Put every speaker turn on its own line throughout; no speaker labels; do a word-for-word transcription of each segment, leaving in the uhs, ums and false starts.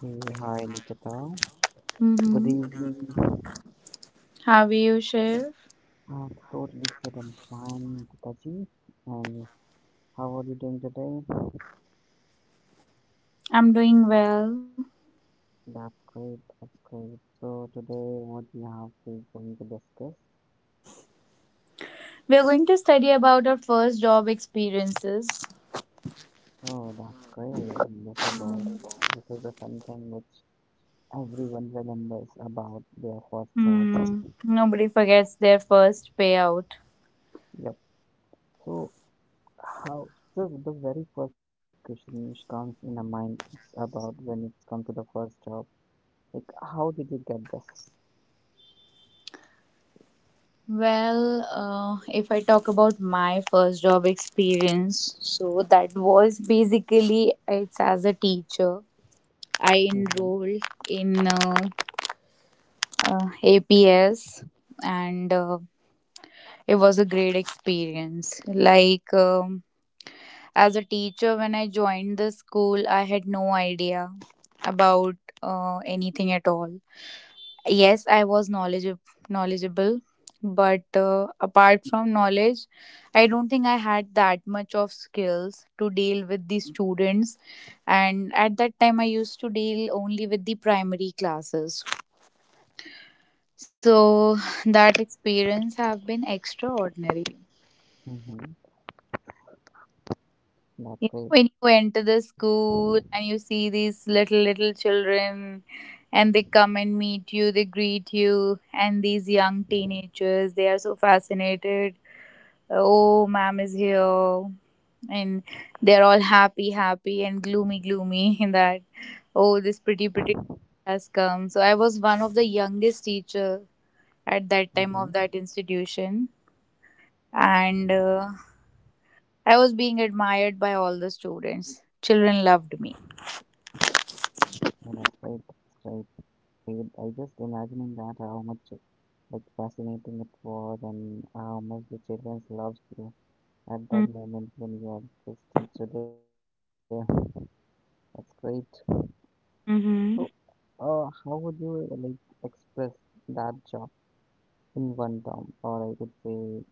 Hey, hi Nikita. Good
Mm-hmm.
evening.
How are you, Shiv?
I'm totally fit and fine, Taji. And how are you doing today?
I'm doing well.
That's great, that's great. So today what we have is going to discuss.
We are going to study about our first job experiences.
Oh, that's great. This is all.
Mm.
This is the something which everyone remembers about their first job.
Hmm. Nobody forgets their first payout.
Yep. So how so the very first question comes in a mind, it's about when it's come to the first job. Like how did you get this?
Well, uh, if I talk about my first job experience, so that was basically it's as a teacher. I
Mhm.
enrolled in uh, uh, A P S, and uh, it was a great experience. Like um, As a teacher, when I joined the school, I had no idea about uh, anything at all. Yes, I was knowledgeable, knowledgeable, but uh, apart from knowledge, I don't think I had that much of skills to deal with the students. And at that time, I used to deal only with the primary classes. So that experience have been extraordinary.
Mhm. That's
You know,
great.
when you enter the school and you see these little, little children and they come and meet you, they greet you, and these young teenagers, they are so fascinated. Oh, ma'am is here. And they're all happy, happy, and gloomy, gloomy in that, oh, this pretty, pretty has come. So I was one of the youngest teacher at that
Mhm.
time of that institution. And uh, I was being admired by all the students. Children loved me.
Yeah, that's great. That's great, great. I just imagining that how much like fascinating it was and how much the children loves you at that moment when you are just teacher there. That's great. So,
Mm-hmm.
uh, how would you like express that job in one term, or I could say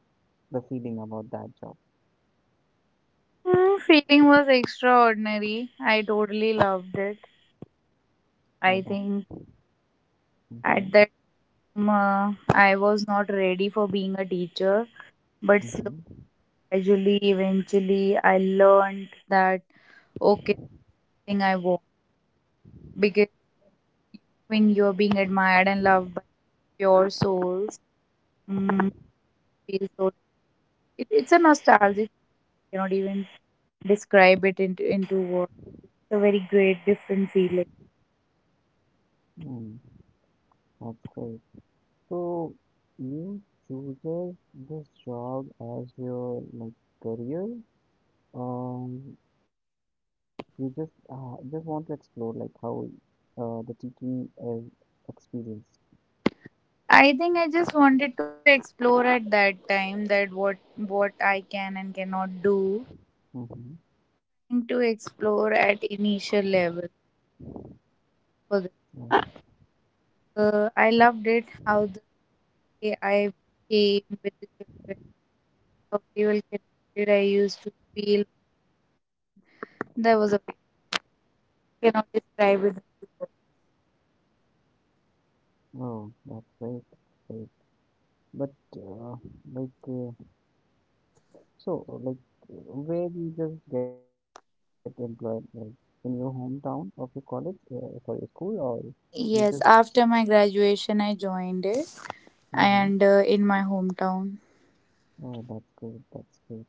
the feeling about that job?
Mm, feeling was extraordinary. I totally loved it.
Oh,
I
that's.
think
Mm-hmm.
at that time uh, I was not ready for being a teacher, but slowly,
Mm-hmm.
gradually, eventually, I learned that okay thing I want because when you're being admired and loved by pure souls, mm, feel so. It, it's a nostalgic. I cannot even describe it into into words. It's a very great, different feeling.
Mm, that's great. So you chooses this job as your like career. Um, you just uh, just want to explore like how uh, the teaching is experienced.
I think I just wanted to explore at that time that what what I can and cannot do
Mm-hmm.
and to explore at initial level for the
Yeah.
uh, I loved it how the way I became with the children, how very well connected I used to feel. There was a cannot describe it.
Oh, that's great. Great. But uh, like uh, so like where you just get employed like in your hometown of your college, uh, sorry, school, or you just.
Yes, after my graduation, I joined it
Mm-hmm.
and uh, in my hometown.
Oh, that's good. That's good.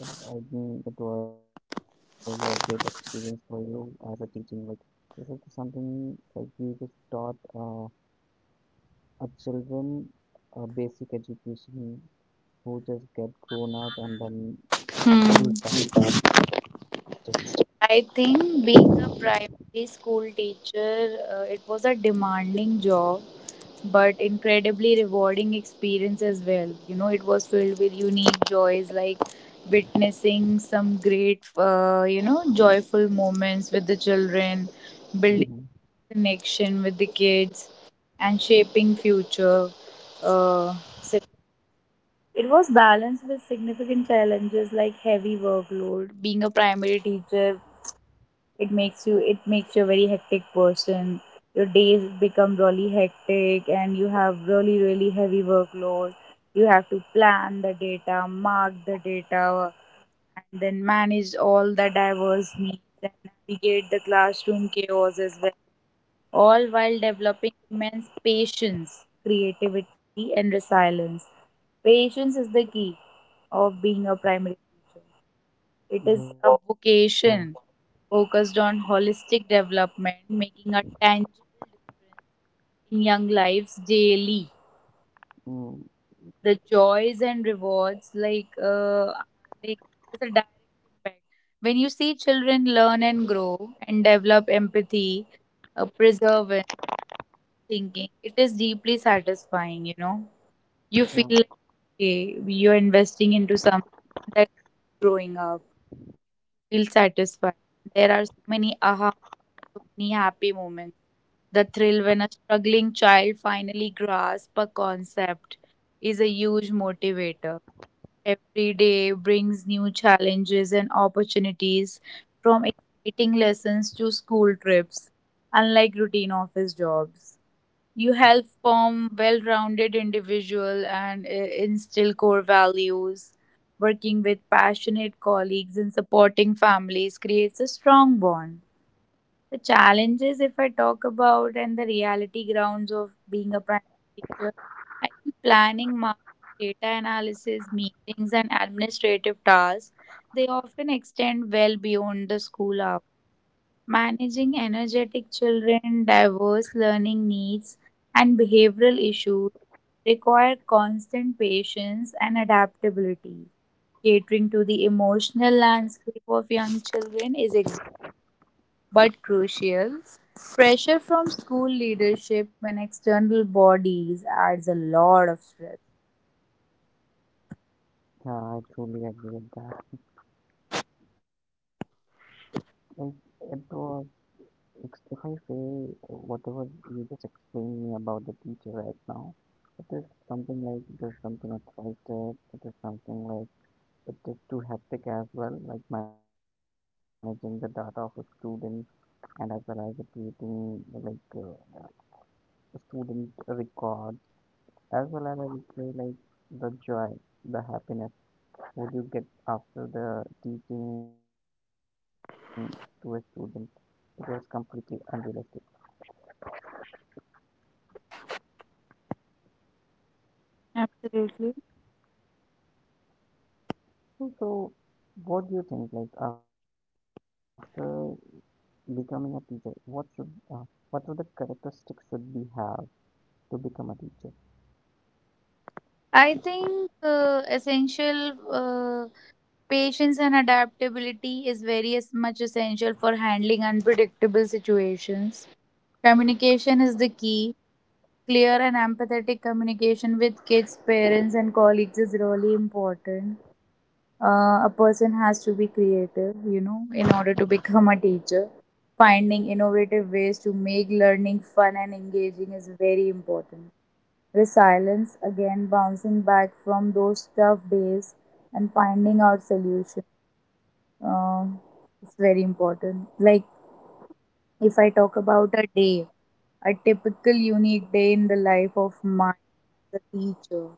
I think it was a great experience for you as a teaching. Like, is it something like you just taught uh, a children a basic education who just get grown up and then
Hmm.
use that study?
I think being a primary school teacher, uh, it was a demanding job, but incredibly rewarding experience as well. You know, it was filled with unique joys like witnessing some great, uh, you know, joyful moments with the children, building
Mm-hmm.
connection with the kids, and shaping future. Uh, so it was balanced with significant challenges like heavy workload. Being a primary teacher, it makes you it makes you a very hectic person. Your days become really hectic, and you have really, really heavy workload. You have to plan the data, mark the data, and then manage all the diverse needs and navigate the classroom chaos as well, all while developing immense patience, creativity and resilience. Patience is the key of being a primary teacher. It is
Yeah,
a vocation focused on holistic development, making a tangible difference in young lives daily.
mm,
The joys and rewards, like, uh, are like there's a direct impact. When you see children learn and grow and develop empathy, uh, preservance, thinking, it is deeply satisfying. You know, you feel like
yeah,
okay, you're investing into something that's growing up. Feel satisfied. There are so many aha, so many happy moments. The thrill when a struggling child finally grasps a concept is a huge motivator. Every day brings new challenges and opportunities, from exciting lessons to school trips, unlike routine office jobs. You help form well-rounded individual and uh, instill core values. Working with passionate colleagues and supporting families creates a strong bond. The challenges, if I talk about, and the reality grounds of being a primary teacher, I think planning, marketing, data analysis, meetings, and administrative tasks, they often extend well beyond the school hours. Managing energetic children, diverse learning needs, and behavioral issues require constant patience and adaptability. Catering to the emotional landscape of young children is exhausting but crucial. Pressure from school leadership and external bodies adds a lot of stress.
yeah, I truly agree with that. Like, it was, ex- if I say whatever you just explained me about the teacher right now, it is something like, it is something attractive, it is something like it is too hectic as well, like managing the data of a student and as well as the creating like uh, student records, as well as I would say like the joy, the happiness would you get after the teaching to a student. It was completely unrealistic.
Absolutely.
So, what do you think? Like after becoming a teacher, what should uh, what are the characteristics should we have to become a teacher?
I think uh, essential uh, patience and adaptability is very as much essential for handling unpredictable situations. Communication is the key. Clear and empathetic communication with kids, parents, and colleagues is really important. Uh, a person has to be creative, you know, in order to become a teacher. Finding innovative ways to make learning fun and engaging is very important. Resilience, again, bouncing back from those tough days and finding out solution. Um, it's very important. Like if I talk about a day, a typical unique day in the life of mine as a teacher,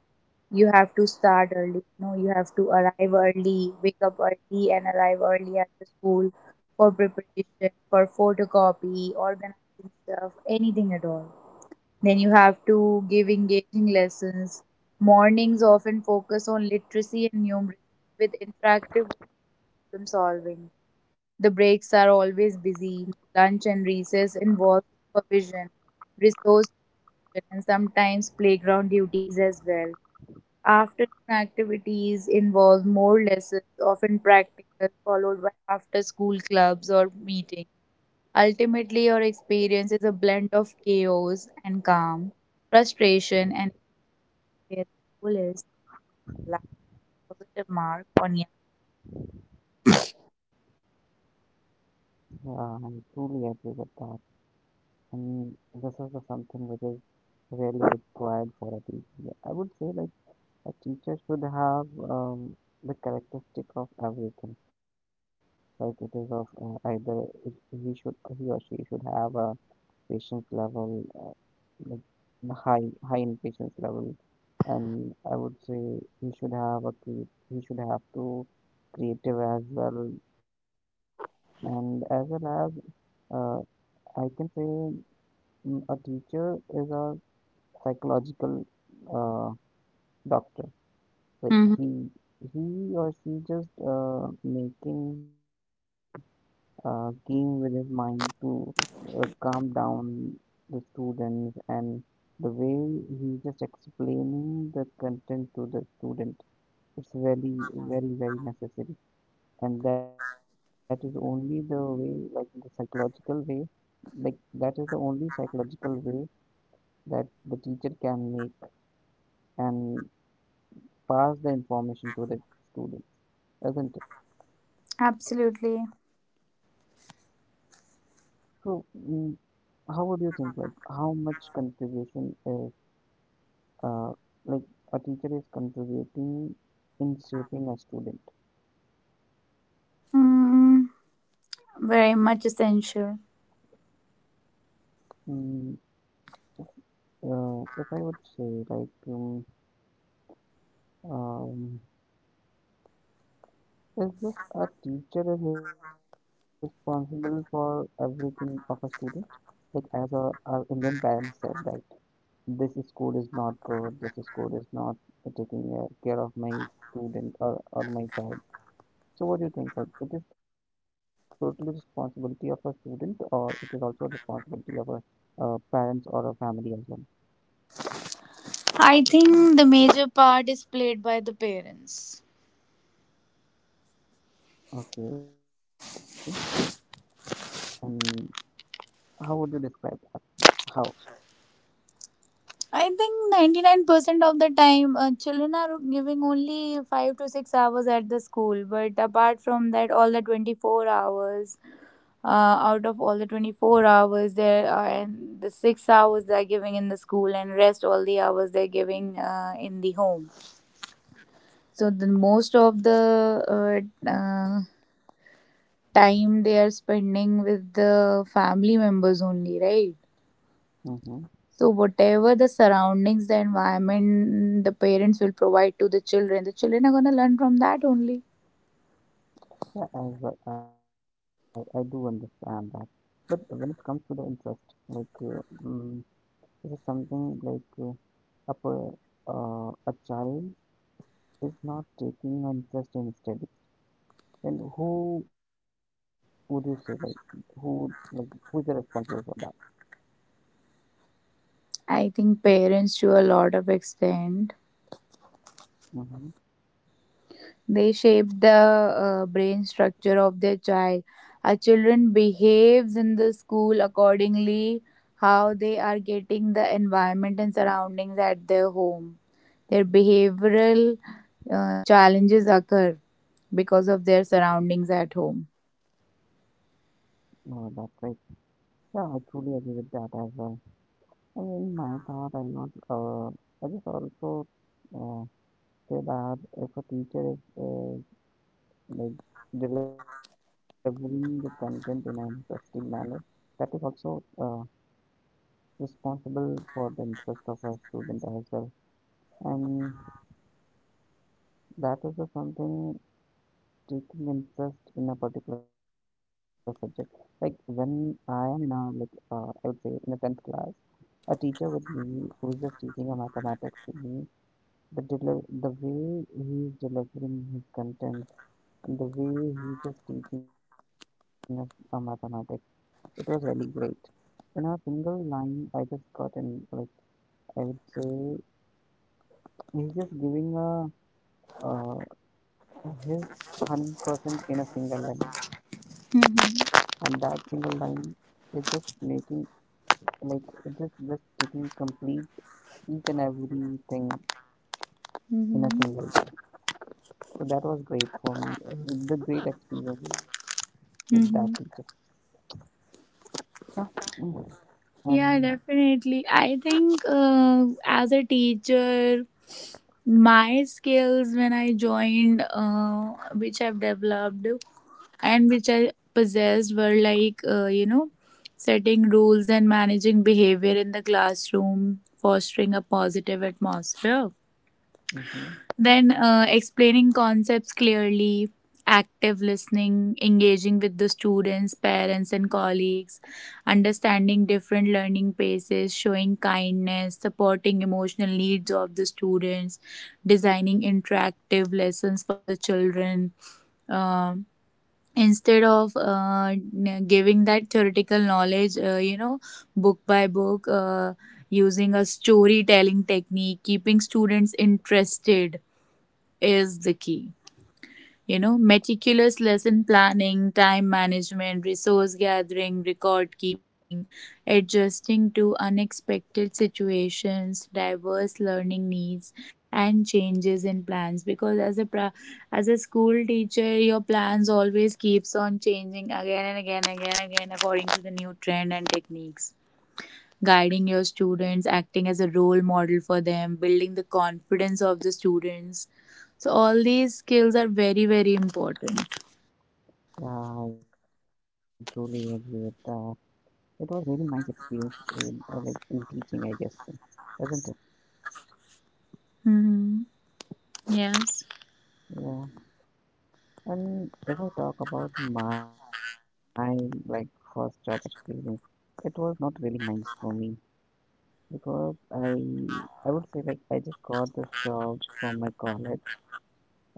you have to start early. You know, you have to arrive early, wake up early, and arrive early at the school for preparation, for photocopy, organizing stuff, anything at all. Then you have to give engaging lessons. Mornings often focus on literacy and numeracy with interactive problem solving. The breaks are always busy. Lunch and recess involve supervision, resource and sometimes playground duties as well. Afternoon activities involve more lessons, often practical, followed by after school clubs or meetings. Ultimately, your experience is a blend of chaos and calm, frustration, and where the goal is to land a positive mark on you.
Yeah, I truly agree with that. And this is the something which is really required for a teacher. I would say like a teacher should have um, the characteristic of everything. Like it is of uh, either it, he should he or she should have a patience level, like the high high in patience level, and I would say he should have a cre- he should have to creative as well, and as well as uh, I can say mm, a teacher is a psychological uh, doctor. Like
Mhm.
he he or she just uh, making a game with his mind to uh, calm down the students and the way he just explaining the content to the student. It's very very very necessary, and that is only the way like the psychological way, like that is the only psychological way that the teacher can make an pass the information to the students, isn't it?
Absolutely.
So, mm, how would you think, like, how much contribution is, uh, like, a teacher is contributing in shaping a student?
Mm, very much essential.
Mm, uh, if I would say, like, um, um, is this a teacher is responsible for everything of a student? Like, as a, our Indian parents said, like, this school is not good, this school is not taking uh, care of my student, or, or my child. So what do you think? Like it is totally responsibility of a student, or it is also a responsibility of a uh, parents or a family as well.
I think the major part is played by the parents.
Okay. And how would you describe how?
I think ninety-nine percent of the time, uh, children are giving only five to six hours at the school. But apart from that, all the twenty-four hours, uh, out of all the twenty-four hours, there are and the six hours they're giving in the school, and rest all the hours they're giving uh, in the home. So, the most of the uh, uh, time they are spending with the family members only, right?
Mm-hmm.
So whatever the surroundings, the environment the parents will provide to the children, the children are gonna learn from that only.
Yeah, I, w- I, I do understand that. But when it comes to the interest, like uh, mm, this is something like uh, a per- uh, a child is not taking an interest in study, then who would you say like who like who is the responsible for that?
I think parents to a lot of extent
Mm-hmm.
they shape the uh, brain structure of their child. Our children behaves in the school accordingly how they are getting the environment and surroundings at their home. Their behavioral uh, challenges occur because of their surroundings at home.
Oh, that's great. Yeah, I truly agree with that as well. I mean, my thought, I'm not. Uh, I just also uh, say that if a teacher is uh, like delivering the content in an interesting manner, that is also uh, responsible for the interest of a student as well, and that is the something taking interest in a particular subject. Like when I am in a like uh, I would say in the tenth class, a teacher with me who is just teaching a mathematics to me, the deli- the way he is delivering his content and the way he is just teaching us a mathematics, it was really great. In a single line, I just got in, like I would say he's just giving a uh, his hundred percent in a single line, and that single
Mhm.
line, it's just making, like it's just just taking complete each and everything in
Mhm.
a single go. So that was great for me. uh, It's the great experience with that teacher.
Mhm.
Yeah, mm,
Yeah,
and
definitely. I think uh, as a teacher, my skills when I joined, uh, which I've developed and which I possessed, were like, uh, you know, setting rules and managing behavior in the classroom, fostering a positive atmosphere.
hmm,
Then uh, explaining concepts clearly, active listening, engaging with the students, parents, and colleagues, understanding different learning paces, showing kindness, supporting emotional needs of the students, designing interactive lessons for the children. Um Instead of uh, n- giving that theoretical knowledge, uh, you know, book by book, uh, using a storytelling technique, keeping students interested is the key. You know, meticulous lesson planning, time management, resource gathering, record keeping, adjusting to unexpected situations, diverse learning needs, and changes in plans. Because as a pra- as a school teacher, your plans always keeps on changing again and again, again, again, according to the new trend and techniques, guiding your students, acting as a role model for them, building the confidence of the students. So, all these skills are very, very important.
yeah, I truly agree with that. It was really nice experience in uh, like in teaching, I guess, isn't it?
Mm-hmm. Yes.
Yeah. And if I talk about my like first job experience, it was not really nice for me, because I I would say like I just got this job from my college,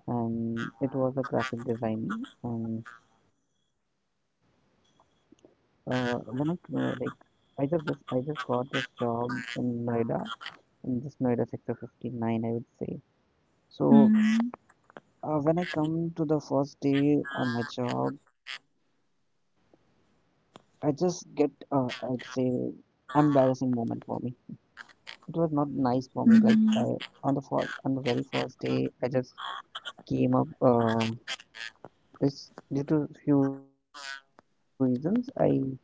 and it was a graphic designing, and uh, when I uh, like I just this I just got this job in Noida, in this Noida sector fifty-nine I would say. So
Mm-hmm.
uh, when I come to the first day on my job, I just get uh, I would say embarrassing moment for me. It was not nice for me, like
Mm-hmm.
I on the first on the very first day I just came up, uh, this due to few reasons, I just get late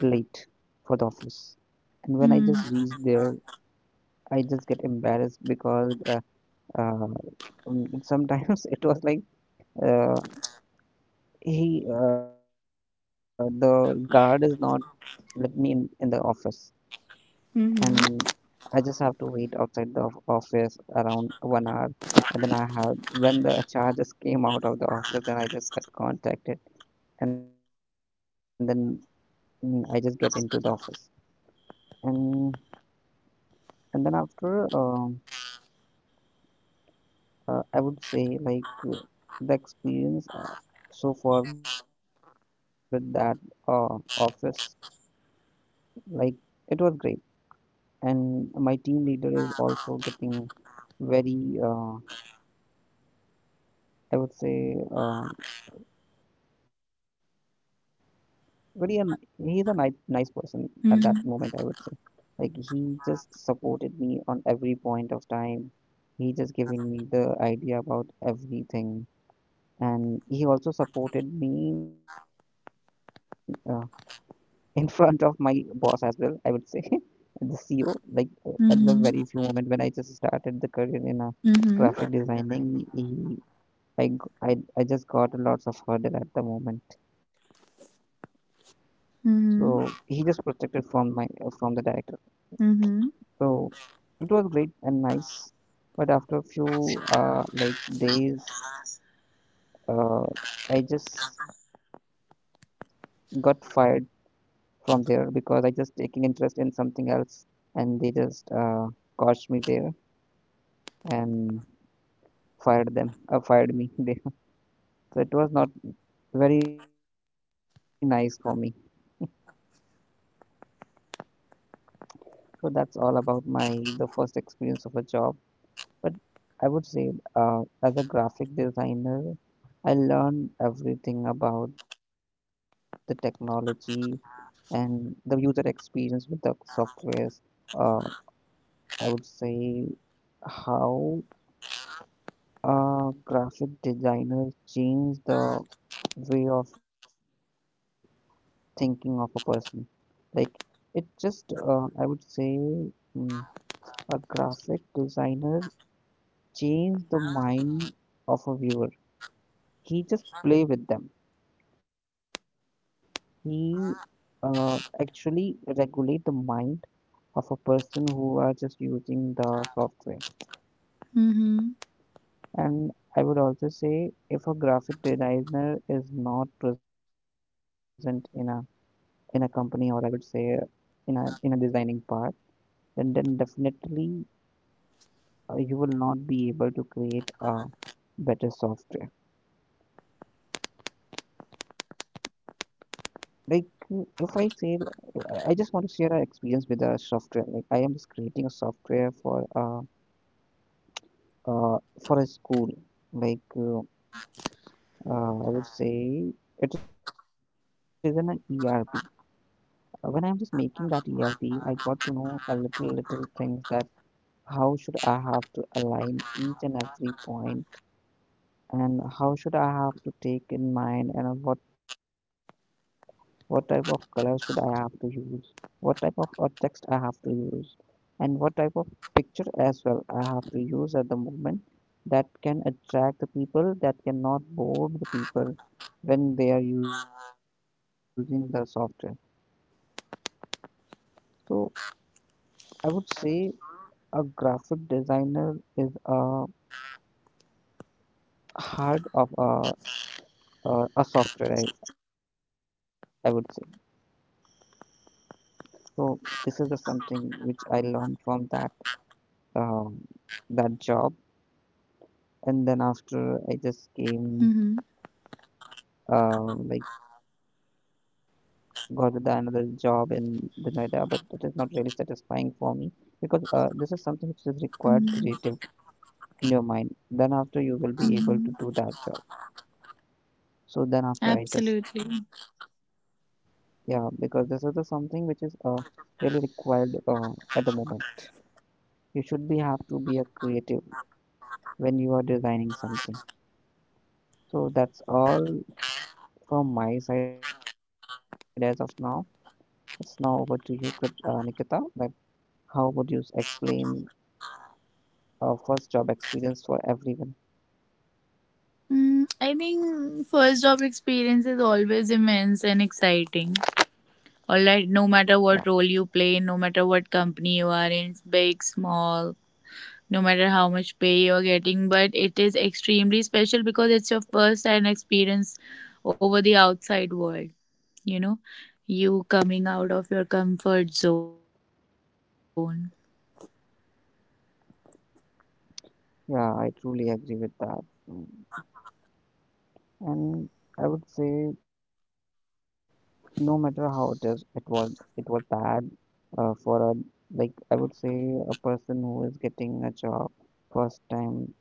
for the office, and when I just reach
Mm-hmm.
there, I just get embarrassed because uh, uh, um, sometimes it was like uh, he uh, the guard is not let me in in the office, and
Mm-hmm.
I just have to wait outside the of- office around one hour, and then I have when the H R just came out of the office, then I just got contacted, and then mm, I just get into the office and. And then after, um, uh, I would say like uh, the experience uh, so far with that uh, office, like it was great. And my team leader is also getting very, uh, I would say, uh, very a, ni- he's a nice nice person at that moment. I would say
Mm-hmm.
like he just supported me on every point of time. He just giving me the idea about everything, and he also supported me. Uh, in front of my boss as well, I would say, the ceo, like uh, at the very few moment
Mm-hmm.
when I just started the career in a graphic
Mm-hmm.
designing, he, i g- i, I just got lots of hurdle at the moment, so he just protected from my uh, from the director.
Mm-hmm.
So it was great and nice, but after a few uh, like days, uh, I just got fired from there because I just taking interest in something else, and they just uh, caught me there and fired them uh, fired me there. So it was not very nice for me. So that's all about my the first experience of a job. But I would say, uh, as a graphic designer, I learned everything about the technology and the user experience with the softwares. uh, I would say how uh, graphic designers change the way of thinking of a person. Like it just, uh, I would say, mm, a graphic designer changed the mind of a viewer. He just play with them. He uh, actually regulate the mind of a person who are just using the software.
Mm-hmm.
And I would also say, if a graphic designer is not present in a in a company, or I would say in a in a designing part, then then definitely uh, you will not be able to create a better software. Like mm, if I say, uh, I just want to share an experience with a software. Like I am just creating a software for a uh for a school. Like uh, uh, I would say it is an E R P. Uh, When I am just making that E R P, I got to know a little little things that how should I have to align each and every point and how should I have to take in mind, and what what type of color should I have to use, what type of uh, text I have to use, and what type of picture as well I have to use at the moment that can attract the people, that cannot bore the people when they are using the software. So I would say a graphic designer is a heart of a, a, a software, I, I would say. So this is the something which I learned from that um, that job.
Mm-hmm.
And then after I just came, uh, like got the another job in the Noida, but it is not really satisfying for me, because uh, this is something which is required creative in your mind. Then after you
Mm-hmm.
will be able to do that job. So then after I
Absolutely.
just yeah, because this is the something which is uh, really required uh, at the moment. You should be have to be a creative when you are designing something. So that's all from my side as of now. Yes, now over to you, Krit- uh, Nikita. Like, how would you s- explain a first job experience for everyone?
Mm, I think first job experience is always immense and exciting.
Yeah,
Alright, no matter what role you play, no matter what company you are in, big, small, no matter how much pay you're getting, but it is extremely special because it's your first time experience over the outside world, you know, you coming out of your comfort zone.
yeah, I truly agree with that. Mm. And I would say, no matter how it is, it was it was bad uh, for a like I would say a person who is getting a job first time.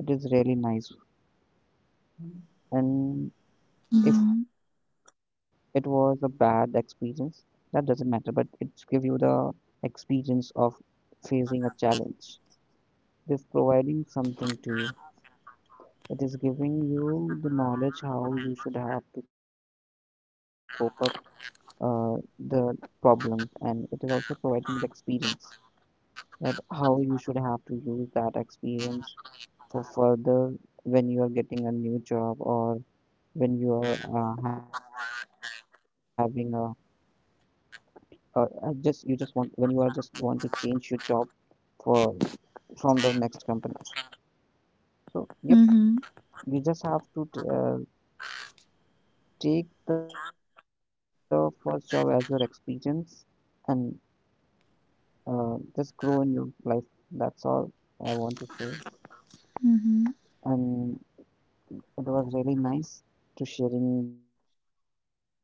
It is really nice, and
Mm-hmm.
if it was a bad experience, that doesn't matter, but it gives you the experience of facing a challenge. It is providing something to you, it is giving you the knowledge how you should have to cope up uh, the problems, and it is also providing the experience that how you should have to use that experience for further when you are getting a new job, or when you are uh, having a uh, I just you just want when you are just want to change your job for from the next company. So yep,
Mm-hmm.
you just have to t- uh, take the first job as your experience, and uh, just grow in your life. That's all I want to say.
Mm-hmm.
And it was really nice to sharing the info, or like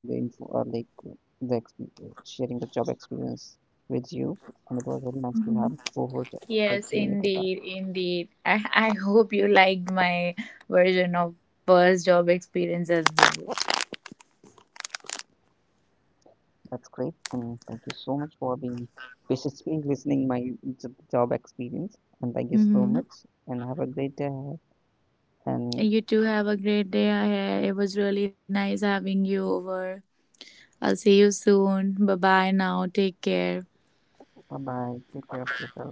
the exp- sharing the job experience with you, and it was really nice to have a
Mm-hmm.
co-host like you
Yes,
Nikita.
indeed, indeed. I, I hope you liked my version of first job experience as well.
That's great, and thank you so much for being patiently listening my j- job experience. And thank you so
Mm-hmm.
much, and have a great day ahead. And
You too have a great day ahead. It was really nice having you over. I'll see you soon. Bye bye now. Take care.
bye bye. Take care of yourself.